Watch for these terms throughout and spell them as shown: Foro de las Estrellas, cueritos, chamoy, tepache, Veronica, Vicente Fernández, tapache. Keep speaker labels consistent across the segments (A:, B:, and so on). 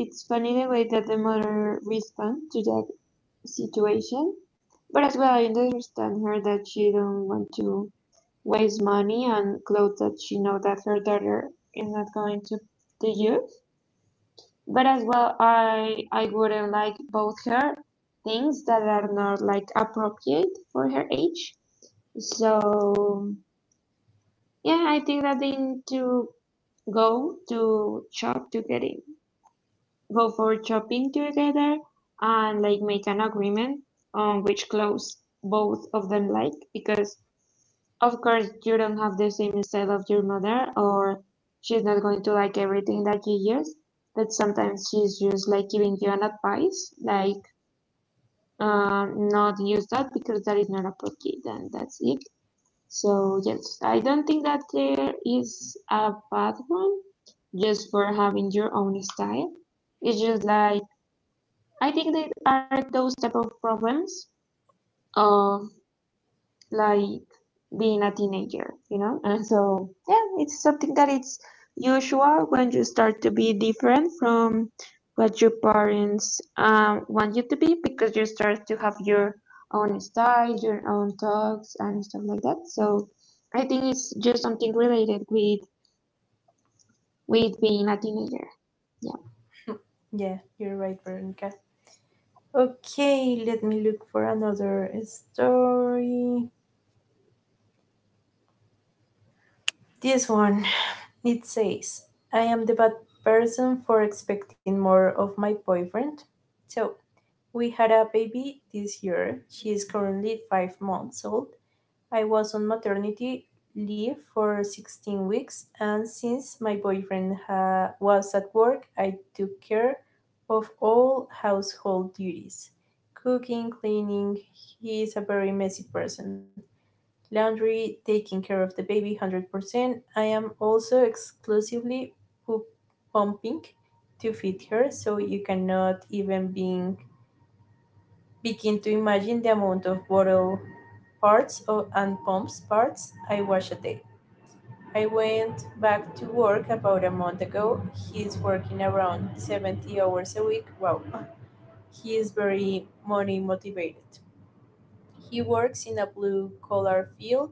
A: it's funny the way that the mother responds to that situation. But as well, I understand her that she don't want to waste money on clothes that she know that her daughter is not going to use. But as well, I wouldn't like both her things that are not like appropriate for her age. So yeah, I think that they need to go to shop to get it. Go for shopping together and like make an agreement on which clothes both of them like, because of course you don't have the same style of your mother, or she's not going to like everything that you use. But sometimes she's just like giving you an advice, like not use that because that is not appropriate, and that's it. So yes, I don't think that there is a bad one just for having your own style. It's just like, I think there are those type of problems of like being a teenager, you know? And so, yeah, it's something that it's usual when you start to be different from what your parents want you to be, because you start to have your own style, your own talks, and stuff like that. So, I think it's just something related with being a teenager. Yeah,
B: Yeah, you're right, Veronica. Okay, let me look for another story. This one. It says, I am the bad person for expecting more of my boyfriend. So, we had a baby this year. She is currently 5 months old. I was on maternity leave for 16 weeks, and since my boyfriend was at work, I took care of all household duties, cooking, cleaning. He is a very messy person. Laundry, taking care of the baby 100%. I am also exclusively poop pumping to feed her, so you cannot even begin to imagine the amount of bottle parts of, and pumps parts, I washed it. I went back to work about a month ago. He's working around 70 hours a week. Wow. He is very money motivated. He works in a blue collar field,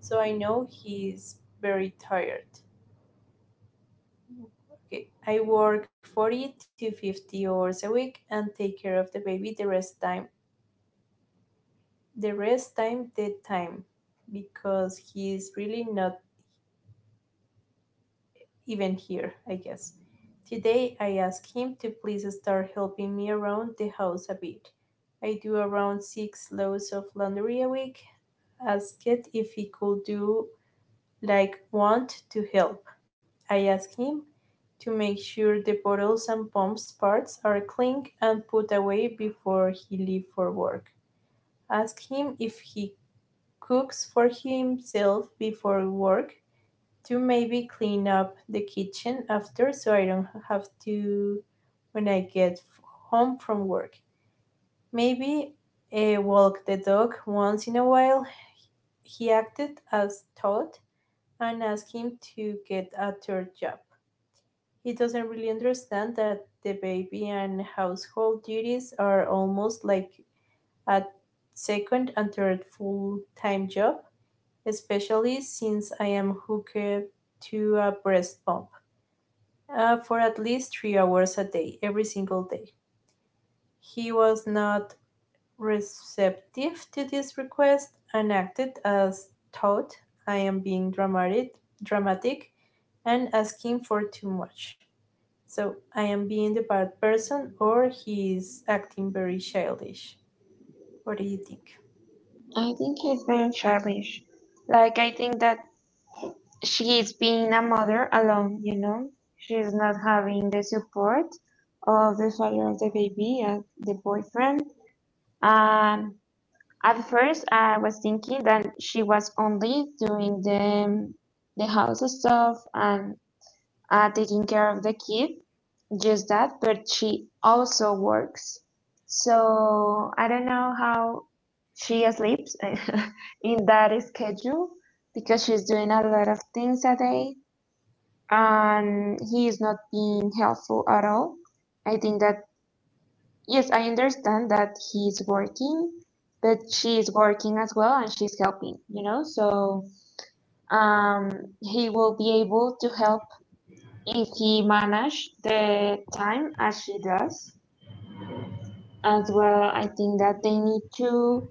B: so I know he is very tired. Okay. I work 40 to 50 hours a week and take care of the baby the rest time. The rest time, the time, because he is really not even here, I guess. Today I asked him to please start helping me around the house a bit. I do around six loads of laundry a week. Asked if he could do, like, want to help. I asked him to make sure the bottles and pumps parts are clean and put away before he leaves for work. Ask him if he cooks for himself before work to maybe clean up the kitchen after, so I don't have to when I get home from work. Maybe walk the dog once in a while. He acted as Todd and asked him to get a third job. He doesn't really understand that the baby and household duties are almost like a second and third full time job, especially since I am hooked to a breast pump, for at least 3 hours a day, every single day. He was not receptive to this request and acted as thought I am being dramatic, dramatic and asking for too much. So I am being the bad person, or he is acting very childish. What do you think?
A: I think it's very childish. Like, I think that she is being a mother alone, you know. She is not having the support of the father of the baby and the boyfriend. Um. At first, I was thinking that she was only doing the house stuff and taking care of the kid, just that. But she also works, so I don't know how she sleeps in that schedule, because she's doing a lot of things a day and he is not being helpful at all. I think yes, I understand that he's working, but she's working as well and she's helping, you know? So he will be able to help if he manage the time as she does. As well, I think that they need to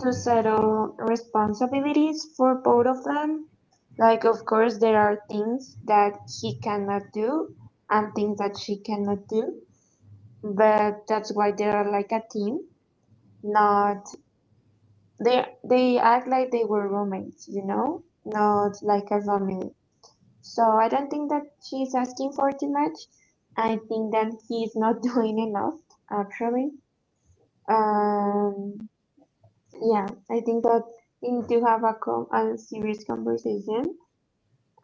A: settle responsibilities for both of them. Like, of course, there are things that he cannot do and things that she cannot do, but that's why they are like a team. Not they act like they were roommates, you know, not like a family. So I don't think that she's asking for too much. I think that he's not doing enough, actually. Um, Yeah, I think that we need to have a serious conversation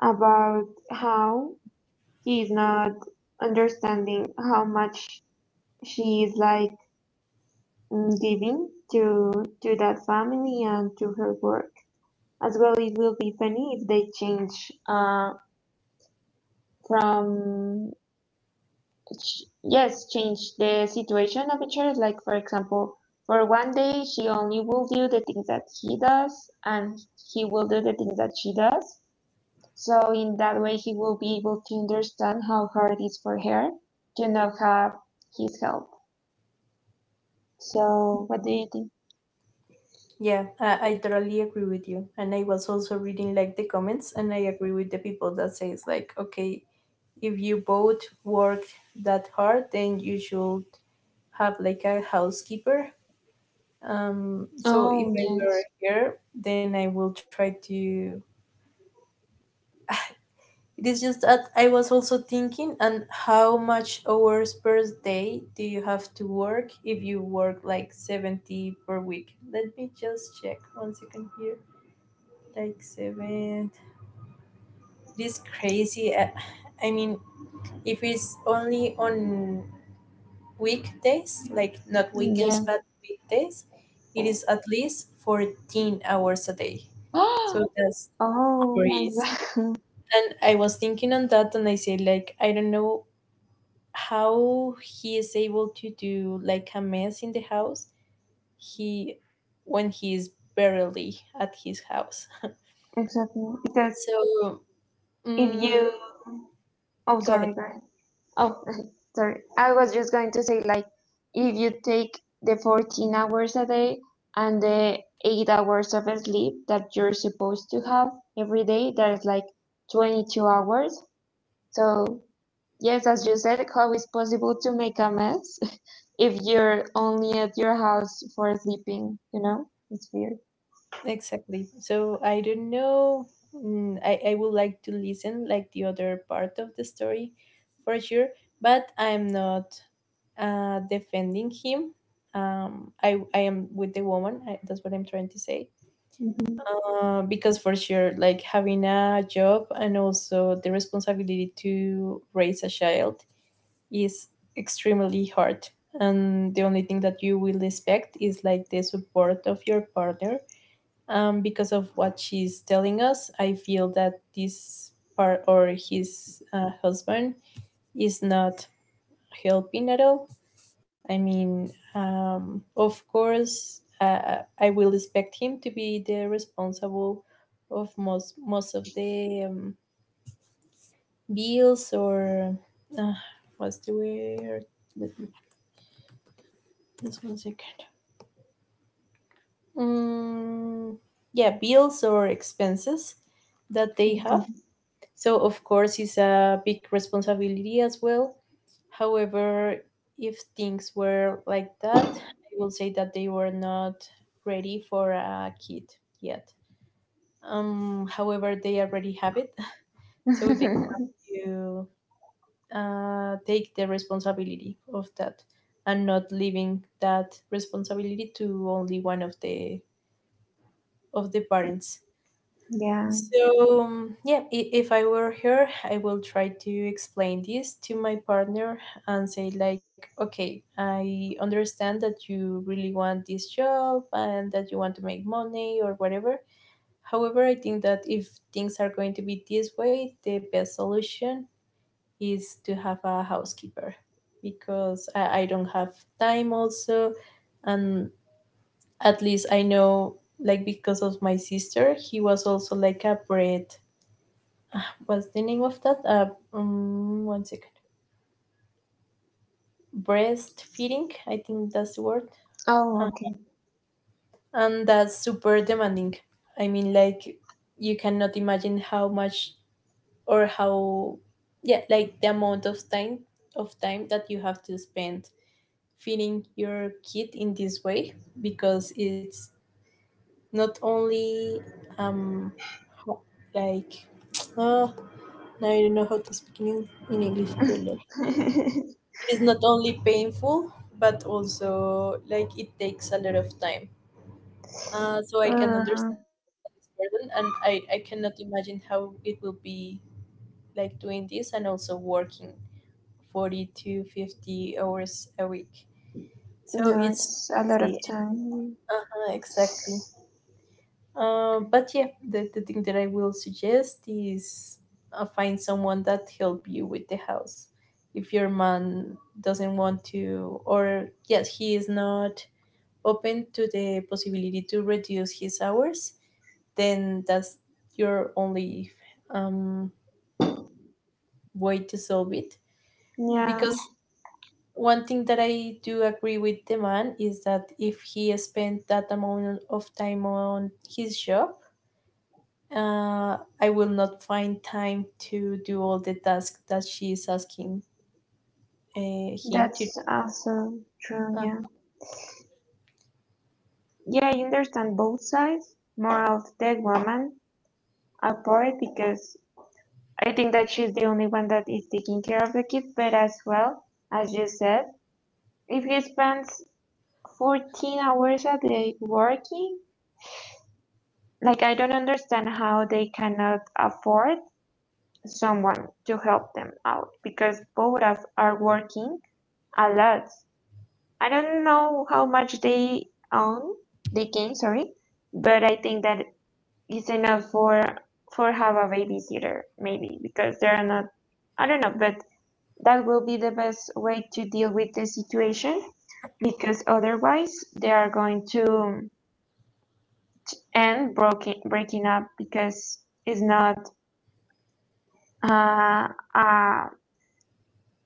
A: about how he is not understanding how much she is giving to that family and to her work. As well, it will be funny if they change uh, from yes, change the situation of each other. Like for example, for one day she only will do the things that he does, and he will do the things that she does. So in that way, he will be able to understand how hard it is for her to not have his help. So what do you think?
B: Yeah, I totally agree with you. And I was also reading, like, the comments, and I agree with the people that says, like, okay, if you both work that hard, then you should have, like, a housekeeper. So if
A: Oh
B: I were
A: yes,
B: here, then I will try to. It is just that I was also thinking, and how much hours per day do you have to work if you work like 70 per week? Let me just check one second here. Like seven. This crazy. I mean, if it's only on weekdays, like not
A: yeah.
B: weekends, but weekdays, it is at least 14 hours a day, so that's
A: Oh my
B: crazy.
A: god,
B: And I was thinking on that, and I say, like, I don't know how he is able to do like a mess in the house, he when he is barely at his house.
A: exactly. Because
B: So,
A: if
B: mm,
A: you, oh
B: go ahead.
A: sorry, go ahead. Oh sorry, I was just going to say, like, if you take the 14 hours a day and the eight hours of sleep that you're supposed to have every day, that is like 22 hours. So yes, as you said, how is possible to make a mess if you're only at your house for sleeping, you know? It's weird.
B: Exactly. So I don't know. I would like to listen, like, the other part of the story for sure, but I'm not defending him. I am with the woman. That's what I'm trying to say.
A: Hmm.
B: Because for sure, like having a job and also the responsibility to raise a child is extremely hard. And the only thing that you will expect is, like, the support of your partner, because of what she's telling us, I feel that this part, or his husband, is not helping at all. I mean, of course, I will expect him to be the responsible of most of the bills, or uh, what's the word? Let me just one second. Um, yeah, bills or expenses that they
A: Okay.
B: have. So, of course, it's a big responsibility as well. However, if things were like that, I will say that they were not ready for a kid yet. However, they already have it, so they have to take the responsibility of that and not leaving that responsibility to only one of the parents.
A: Yeah.
B: So, yeah, if I were her, I will try to explain this to my partner and say, like, okay, I understand that you really want this job and that you want to make money or whatever. However, I think that if things are going to be this way, the best solution is to have a housekeeper because I don't have time also. And at least I know, like, because of my sister, he was also like a bread. What's the name of that? One second. Breastfeeding, I think that's the word.
A: Oh,
B: Uh,
A: okay.
B: and that's super demanding. I mean, like, you cannot imagine how much, or how, yeah, like the amount of time that you have to spend feeding your kid in this way, because it's not only um ho- like, oh, now I don't know how to speak in English. It is not only painful, but also like it takes a lot of time. So I can
A: uh,
B: understand this burden, and I cannot imagine how it will be, like, doing this and also working 40 to 50 hours a week, so
A: no,
B: it's
A: it's a lot of
B: crazy.
A: time.
B: Uh-huh, exactly. But yeah, the thing that I will suggest is, find someone that help you with the house. If your man doesn't want to, or yes, he is not open to the possibility to reduce his hours, then that's your only um, way to solve it.
A: Yeah,
B: Because one thing that I do agree with the man is that if he spent that amount of time on his job, uh, I will not find time to do all the tasks that she is asking him to do.
A: that's also true.
B: Uh,
A: Yeah. Yeah, I understand both sides. More of the woman apart, because I think that she's the only one that is taking care of the kid, but as well, as you said, if he spends 14 hours a day working, like, I don't understand how they cannot afford someone to help them out, because both of are working a lot. I don't know how much they own they gain, sorry, but I think that it's enough for have a babysitter maybe, because they're not, I don't know, but that will be the best way to deal with the situation. Because otherwise they are going to breaking up, because it's not uh, a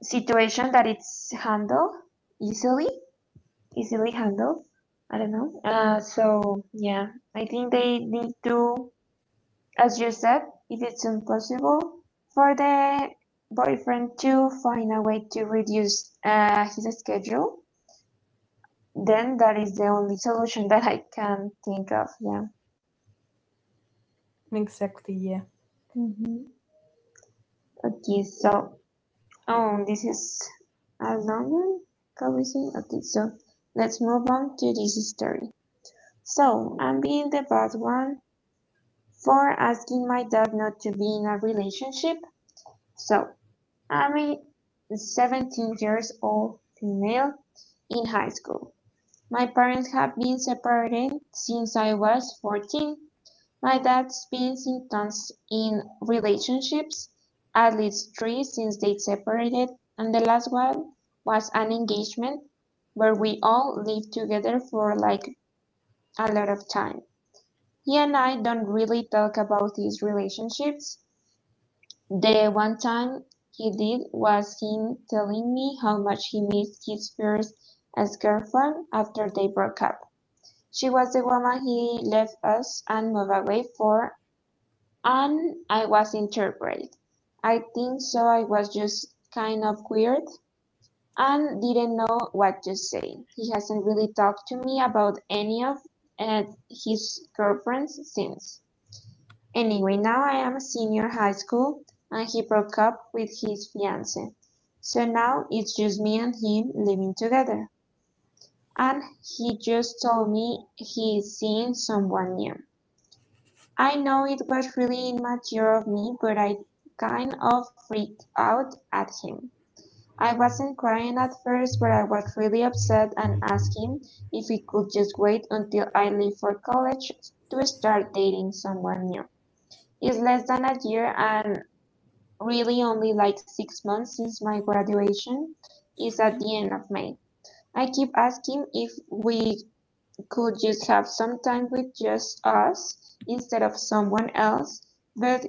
A: situation that it's easily, easily handled. I don't know. So yeah, I think they need to, as you said, if it's impossible for the boyfriend to find a way to reduce his schedule, then that is the only solution that I can think of. Yeah.
B: exactly, yeah.
A: Hmm. Okay, so oh, this is a longer conversation. Okay, so let's move on to this story. So, I'm being the bad one for asking my dad not to be in a relationship. So, I'm a 17 years old female in high school. My parents have been separated since I was 14. My dad's been Simpson's in relationships, at least three since they separated, and the last one was an engagement where we all lived together for like a lot of time. He and I don't really talk about these relationships. The one time he did was him telling me how much he missed his first ex girlfriend after they broke up. She was the woman he left us and moved away for. And I was interpreted. I think so I was just kind of weird and didn't know what to say. He hasn't really talked to me about any of uh, his girlfriends since. Anyway, now I am a senior high school and he broke up with his fiance. So now it's just me and him living together. And he just told me he's seeing someone new. I know it was really immature of me, but I kind of freaked out at him. I wasn't crying at first, but I was really upset and asked him if we could just wait until I leave for college to start dating someone new. It's less than a year, and really only like six months, since my graduation is at the end of May. I keep asking if we could you have some time with just us, instead of someone else? But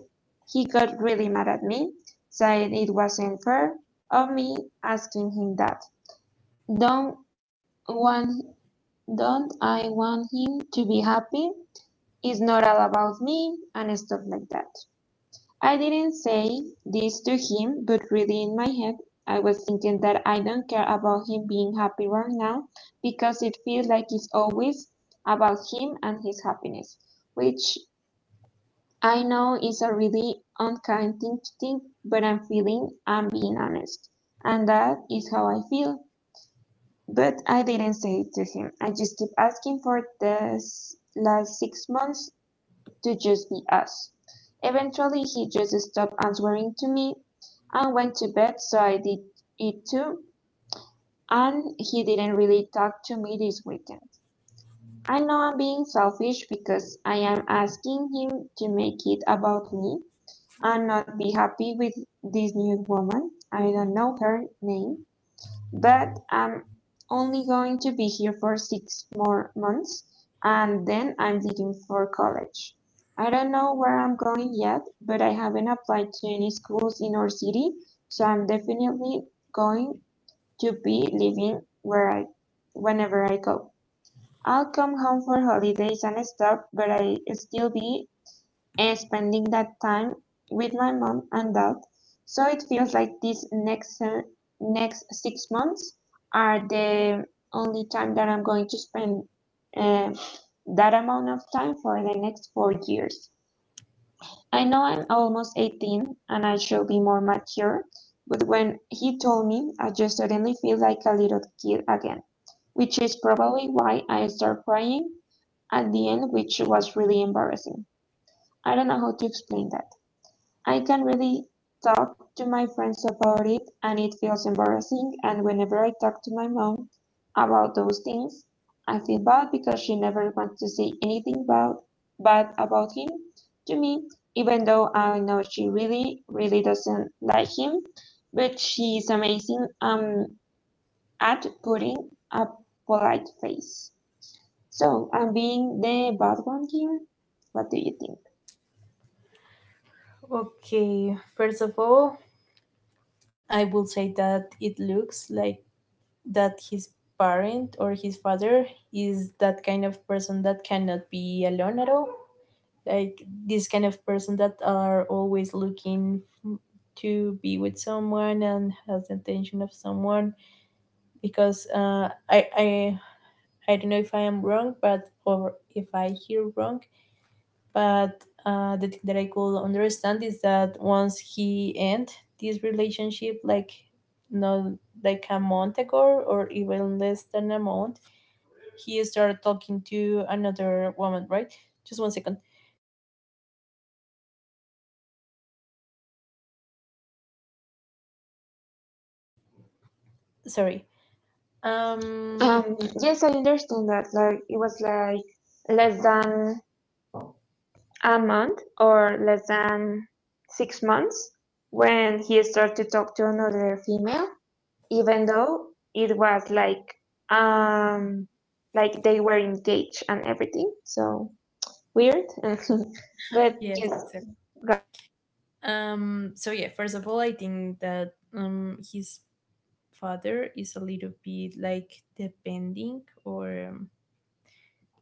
A: he got really mad at me, said it wasn't fair of me asking him that. Don't want, don't I want him to be happy? It's not all about me and stuff like that. I didn't say this to him, but really in my head I was thinking that I don't care about him being happy right now, because it feels like it's always about him and his happiness, which I know is a really unkind thing to think, but I'm feeling I'm being honest. And that is how I feel. But I didn't say it to him. I just keep asking for last six months to just be us. Eventually, he just stopped answering to me and went to bed, so I did it too. And he didn't really talk to me this weekend. I know I'm being selfish because I am asking him to make it about me and not be happy with this new woman. I don't know her name, but I'm only going to be here for six more months and then I'm leaving for college. I don't know where I'm going yet, but I haven't applied to any schools in our city, so I'm definitely going to be living where I whenever I go. I'll come home for holidays and stuff, but I still be spending that time with my mom and dad. So it feels like next six months are the only time that I'm going to spend uh, that amount of time for the next four years. I know I'm almost 18 and I shall be more mature, but when he told me, I just suddenly feel like a little kid again, which is probably why I started crying at the end, which was really embarrassing. I don't know how to explain that. I can't really talk to my friends about it, and it feels embarrassing, and whenever I talk to my mom about those things, I feel bad because she never wants to say anything bad about him to me, even though I know she really, really doesn't like him, but she is amazing at putting a polite face. So I'm being the bad one here. What do you think?
B: Okay, first of all, I will say that it looks like that his parent, or his father, is that kind of person that cannot be alone at all, like this kind of person that are always looking f- to be with someone and has the attention of someone. Because I don't know if I am wrong, but or if I hear wrong, but the thing that I could understand is that once he end this relationship, like not like a month ago or even less than a month, he started talking to another woman. Right? Just one second. Sorry. Um.
A: Um, yes, I understand that. Like it was like less than a month or less than six months when he started to talk to another female, even though it was like um they were engaged and everything. So weird, but
B: Yes.
A: yes.
B: Exactly. So yeah. First of all, I think that his father is a little bit like depending or.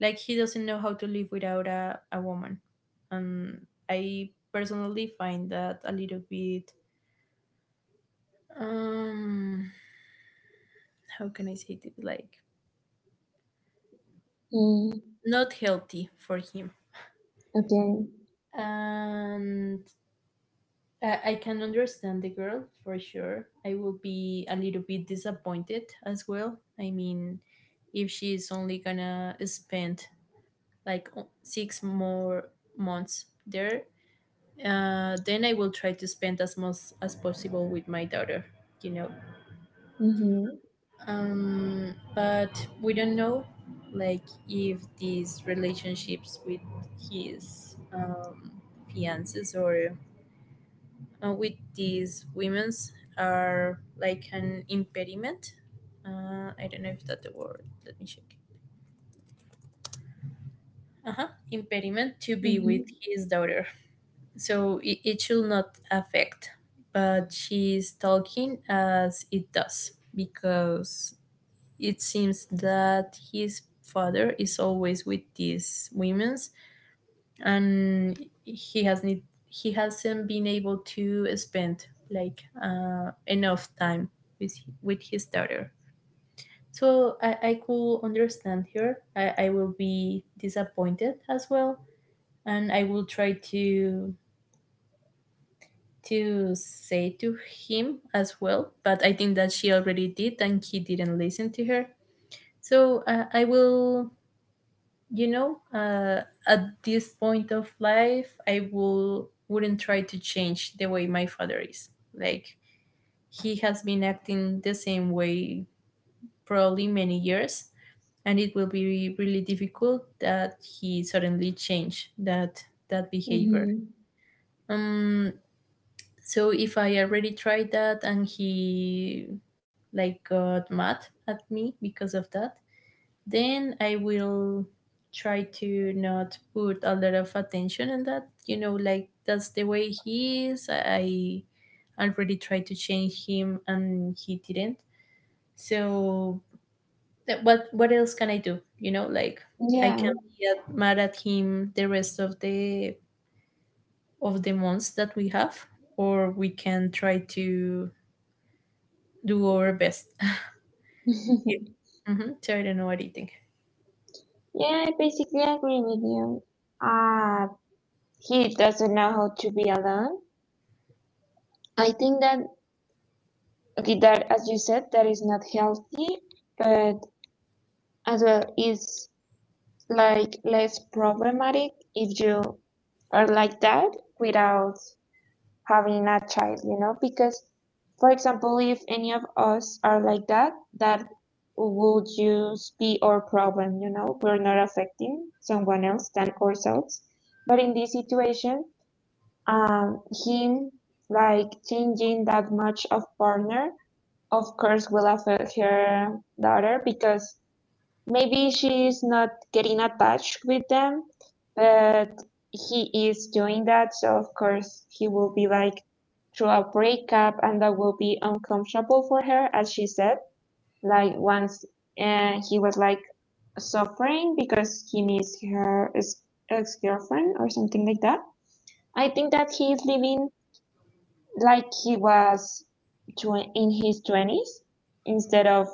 B: Like, he doesn't know how to live without a woman, and I personally find that a little bit, um how can I say it, like,
A: Mm,
B: not healthy for him.
A: okay.
B: And I can understand the girl. For sure I will be a little bit disappointed as well. I mean, if she's only gonna spend like six more months there, then I will try to spend as much as possible with my daughter, you know. But we don't know, like, if these relationships with his fiances, or with these women's, are like an impediment. I don't know if that's the word. Let me check. Uh huh. Impediment to be with
A: Mhm.
B: his daughter. So it should not affect, but she's talking as it does, because it seems that his father is always with these women's, and he has need he hasn't been able to spend, like, enough time with his daughter. So I could understand her. I will be disappointed as well, and I will try to say to him as well, but I think that she already did and he didn't listen to her. So I will, you know, at this point of life, I will wouldn't try to change the way my father is. Like, he has been acting the same way probably many years, and it will be really difficult that he suddenly change that behavior.
A: Mhm.
B: Um, so if I already tried that and he, like, got mad at me because of that, then I will try to not put a lot of attention on that, you know, like, that's the way he is. I already tried to change him and he didn't, so what else can I do? You know, like, I
A: Yeah.
B: can be mad at him the rest of the months that we have, or we can try to do our best. So, I don't know what do you think.
A: Yeah, I basically agree with you. Uh, he doesn't know how to be alone. I think that okay, that as you said, that is not healthy, but as well is like less problematic if you are like that without having a child, you know, because, for example, if any of us are like that, that would just be our problem, you know, we're not affecting someone else than ourselves. But in this situation, him like changing that much of partner, of course, will affect her daughter because maybe she's not getting attached with them, but he is doing that, so of course he will be like through a breakup and that will be uncomfortable for her, as she said. Like once he was like suffering because he misses her ex-girlfriend or something like that. I think that he is living like he was in his 20s instead of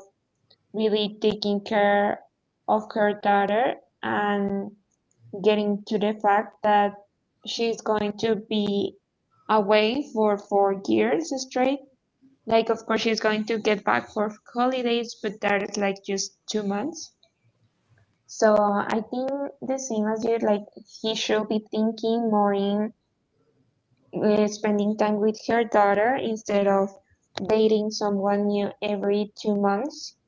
A: really taking care of her daughter and getting to the fact that she's going to be away for 4 years straight. Like, of course, she's going to get back for holidays, but that is like just 2 months. So I think the same as you, like, he should be thinking more in spending time with her daughter instead of dating someone new every 2 months.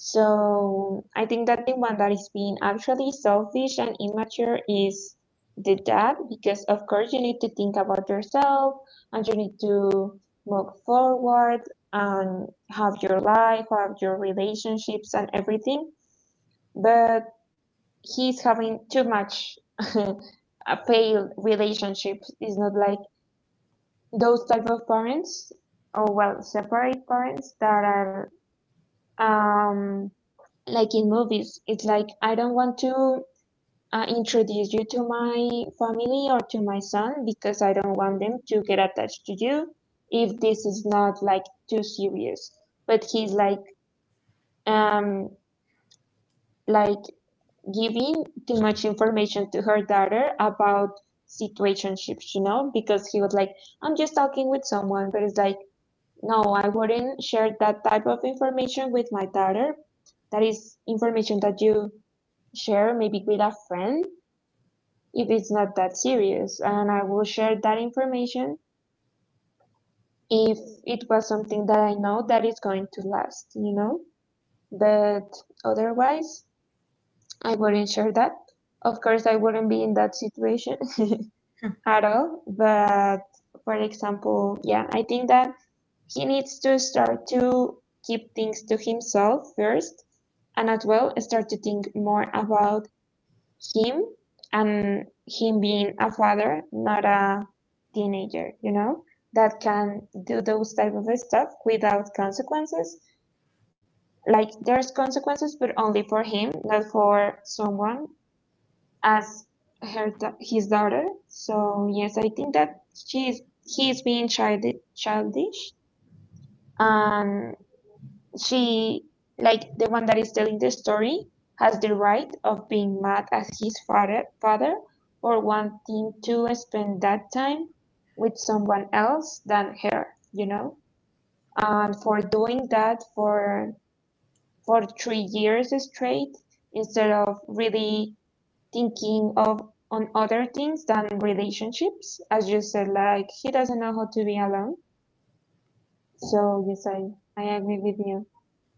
A: So I think that the one that is being actually selfish and immature is the dad, because of course you need to think about yourself and you need to move forward and have your life, have your relationships and everything. But he's having too much a failed relationships. It's not like those type of parents or well separate parents that are um like in movies, it's like I don't want to introduce you to my family or to my son because I don't want them to get attached to you if this is not like too serious. But he's um like giving too much information to her daughter about situationships, you know, because he was like, I'm just talking with someone, but it's like, no, I wouldn't share that type of information with my daughter. That is information that you share maybe with a friend if it's not that serious and I will share that information if it was something that I know that is going to last, you know? But otherwise, I wouldn't share that. Of course, I wouldn't be in that situation
B: Hmm.
A: at all. But for example, yeah, I think that he needs to start to keep things to himself first and as well start to think more about him and him being a father, not a teenager, you know, that can do those type of stuff without consequences. Like there's consequences, but only for him, not for someone as her his daughter. So yes, I think that she is he is being childish, childish, and she, like the one that is telling the story, has the right of being mad at his father for wanting to spend that time with someone else than her, you know? And for doing that for 3 years straight instead of really thinking of on other things than relationships. As you said, like he doesn't know how to be alone. So yes, I agree with you.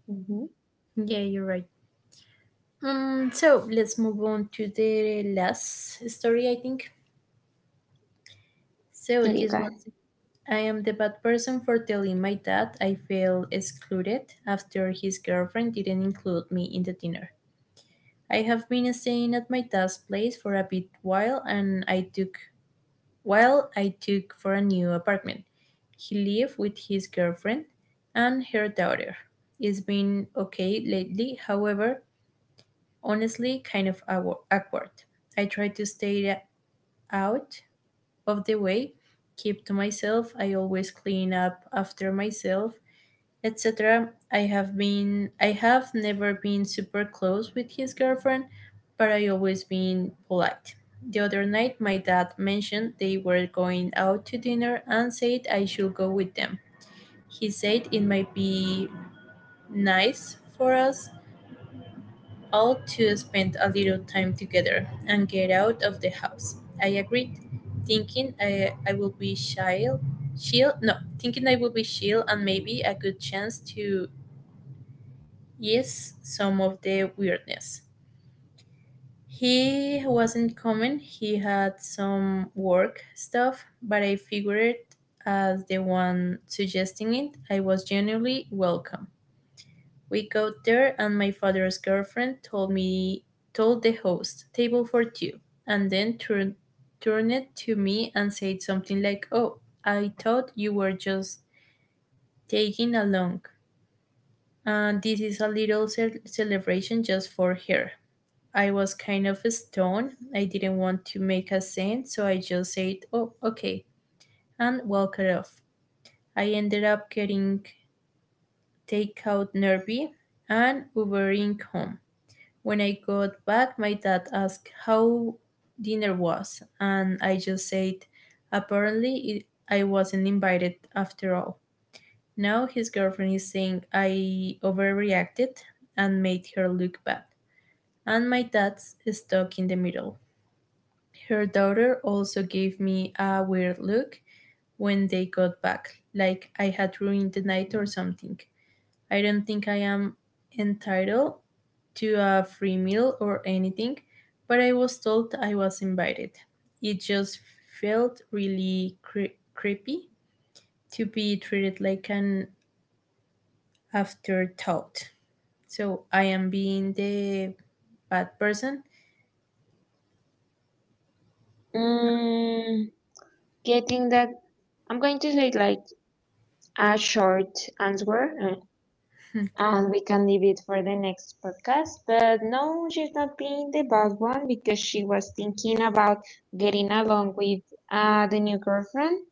A: Mm-hmm.
B: Yeah, you're right. So let's move on to the last story, I think. So
A: Okay, go
B: this
A: ahead.
B: was, I am the bad person for telling my dad I feel excluded after his girlfriend didn't include me in the dinner. I have been staying at my dad's place for a bit while and I took while I took for a new apartment. He lived with his girlfriend and her daughter. It's been okay lately, however, honestly, kind of awkward. I try to stay out of the way, keep to myself. I always clean up after myself, etc. I have never been super close with his girlfriend, but I always been polite. The other night my dad mentioned they were going out to dinner and said I should go with them. He said it might be nice for us all to spend a little time together and get out of the house. I agreed, thinking I will be shy, chill, no, thinking I will be chill and maybe a good chance to, yes, some of the weirdness. He wasn't coming, he had some work stuff, but I figured, as the one suggesting it, I was genuinely welcome. We got there and my father's girlfriend told the host, table for two, and then turned it to me and said something like, "Oh, I thought you were just taking along. And this is a little celebration just for her." I was kind of stoned. I didn't want to make a scene, so I just said, "Oh, okay," and walked off. I ended up getting takeout nervy and Ubering home. When I got back, my dad asked how dinner was, and I just said, apparently, I wasn't invited after all. Now his girlfriend is saying I overreacted and made her look bad, and my dad's stuck in the middle. Her daughter also gave me a weird look when they got back, like I had ruined the night or something. I don't think I am entitled to a free meal or anything, but I was told I was invited. It just felt really creepy to be treated like an afterthought. So I am being the bad person.
A: Mm, getting that, I'm going to say like a short answer and we can leave it for the next podcast. But no, she's not being the bad one because she was thinking about getting along with the new girlfriend.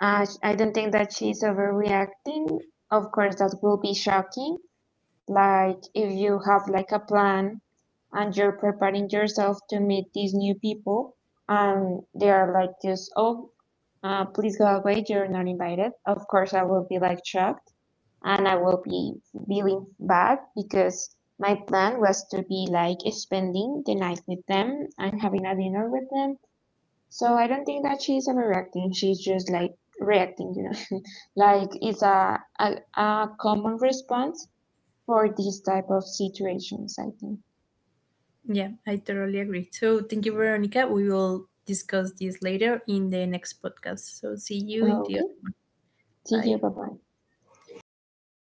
A: I don't think that she's overreacting. Of course, that will be shocking. Like if you have like a plan and you're preparing yourself to meet these new people and they are like just oh. Please go away. You're not invited. Of course, I will be like shocked and I will be feeling bad because my plan was to be like spending the night with them and having a dinner with them. So I don't think that she's overreacting. She's just like reacting, you know, like it's a common response for these type of situations, I think.
B: Yeah, I totally agree. So thank you, Veronica. We will discuss this later in the next podcast. So see you in the
A: Okay.
B: other.
A: See
B: Bye.
A: you. Bye bye.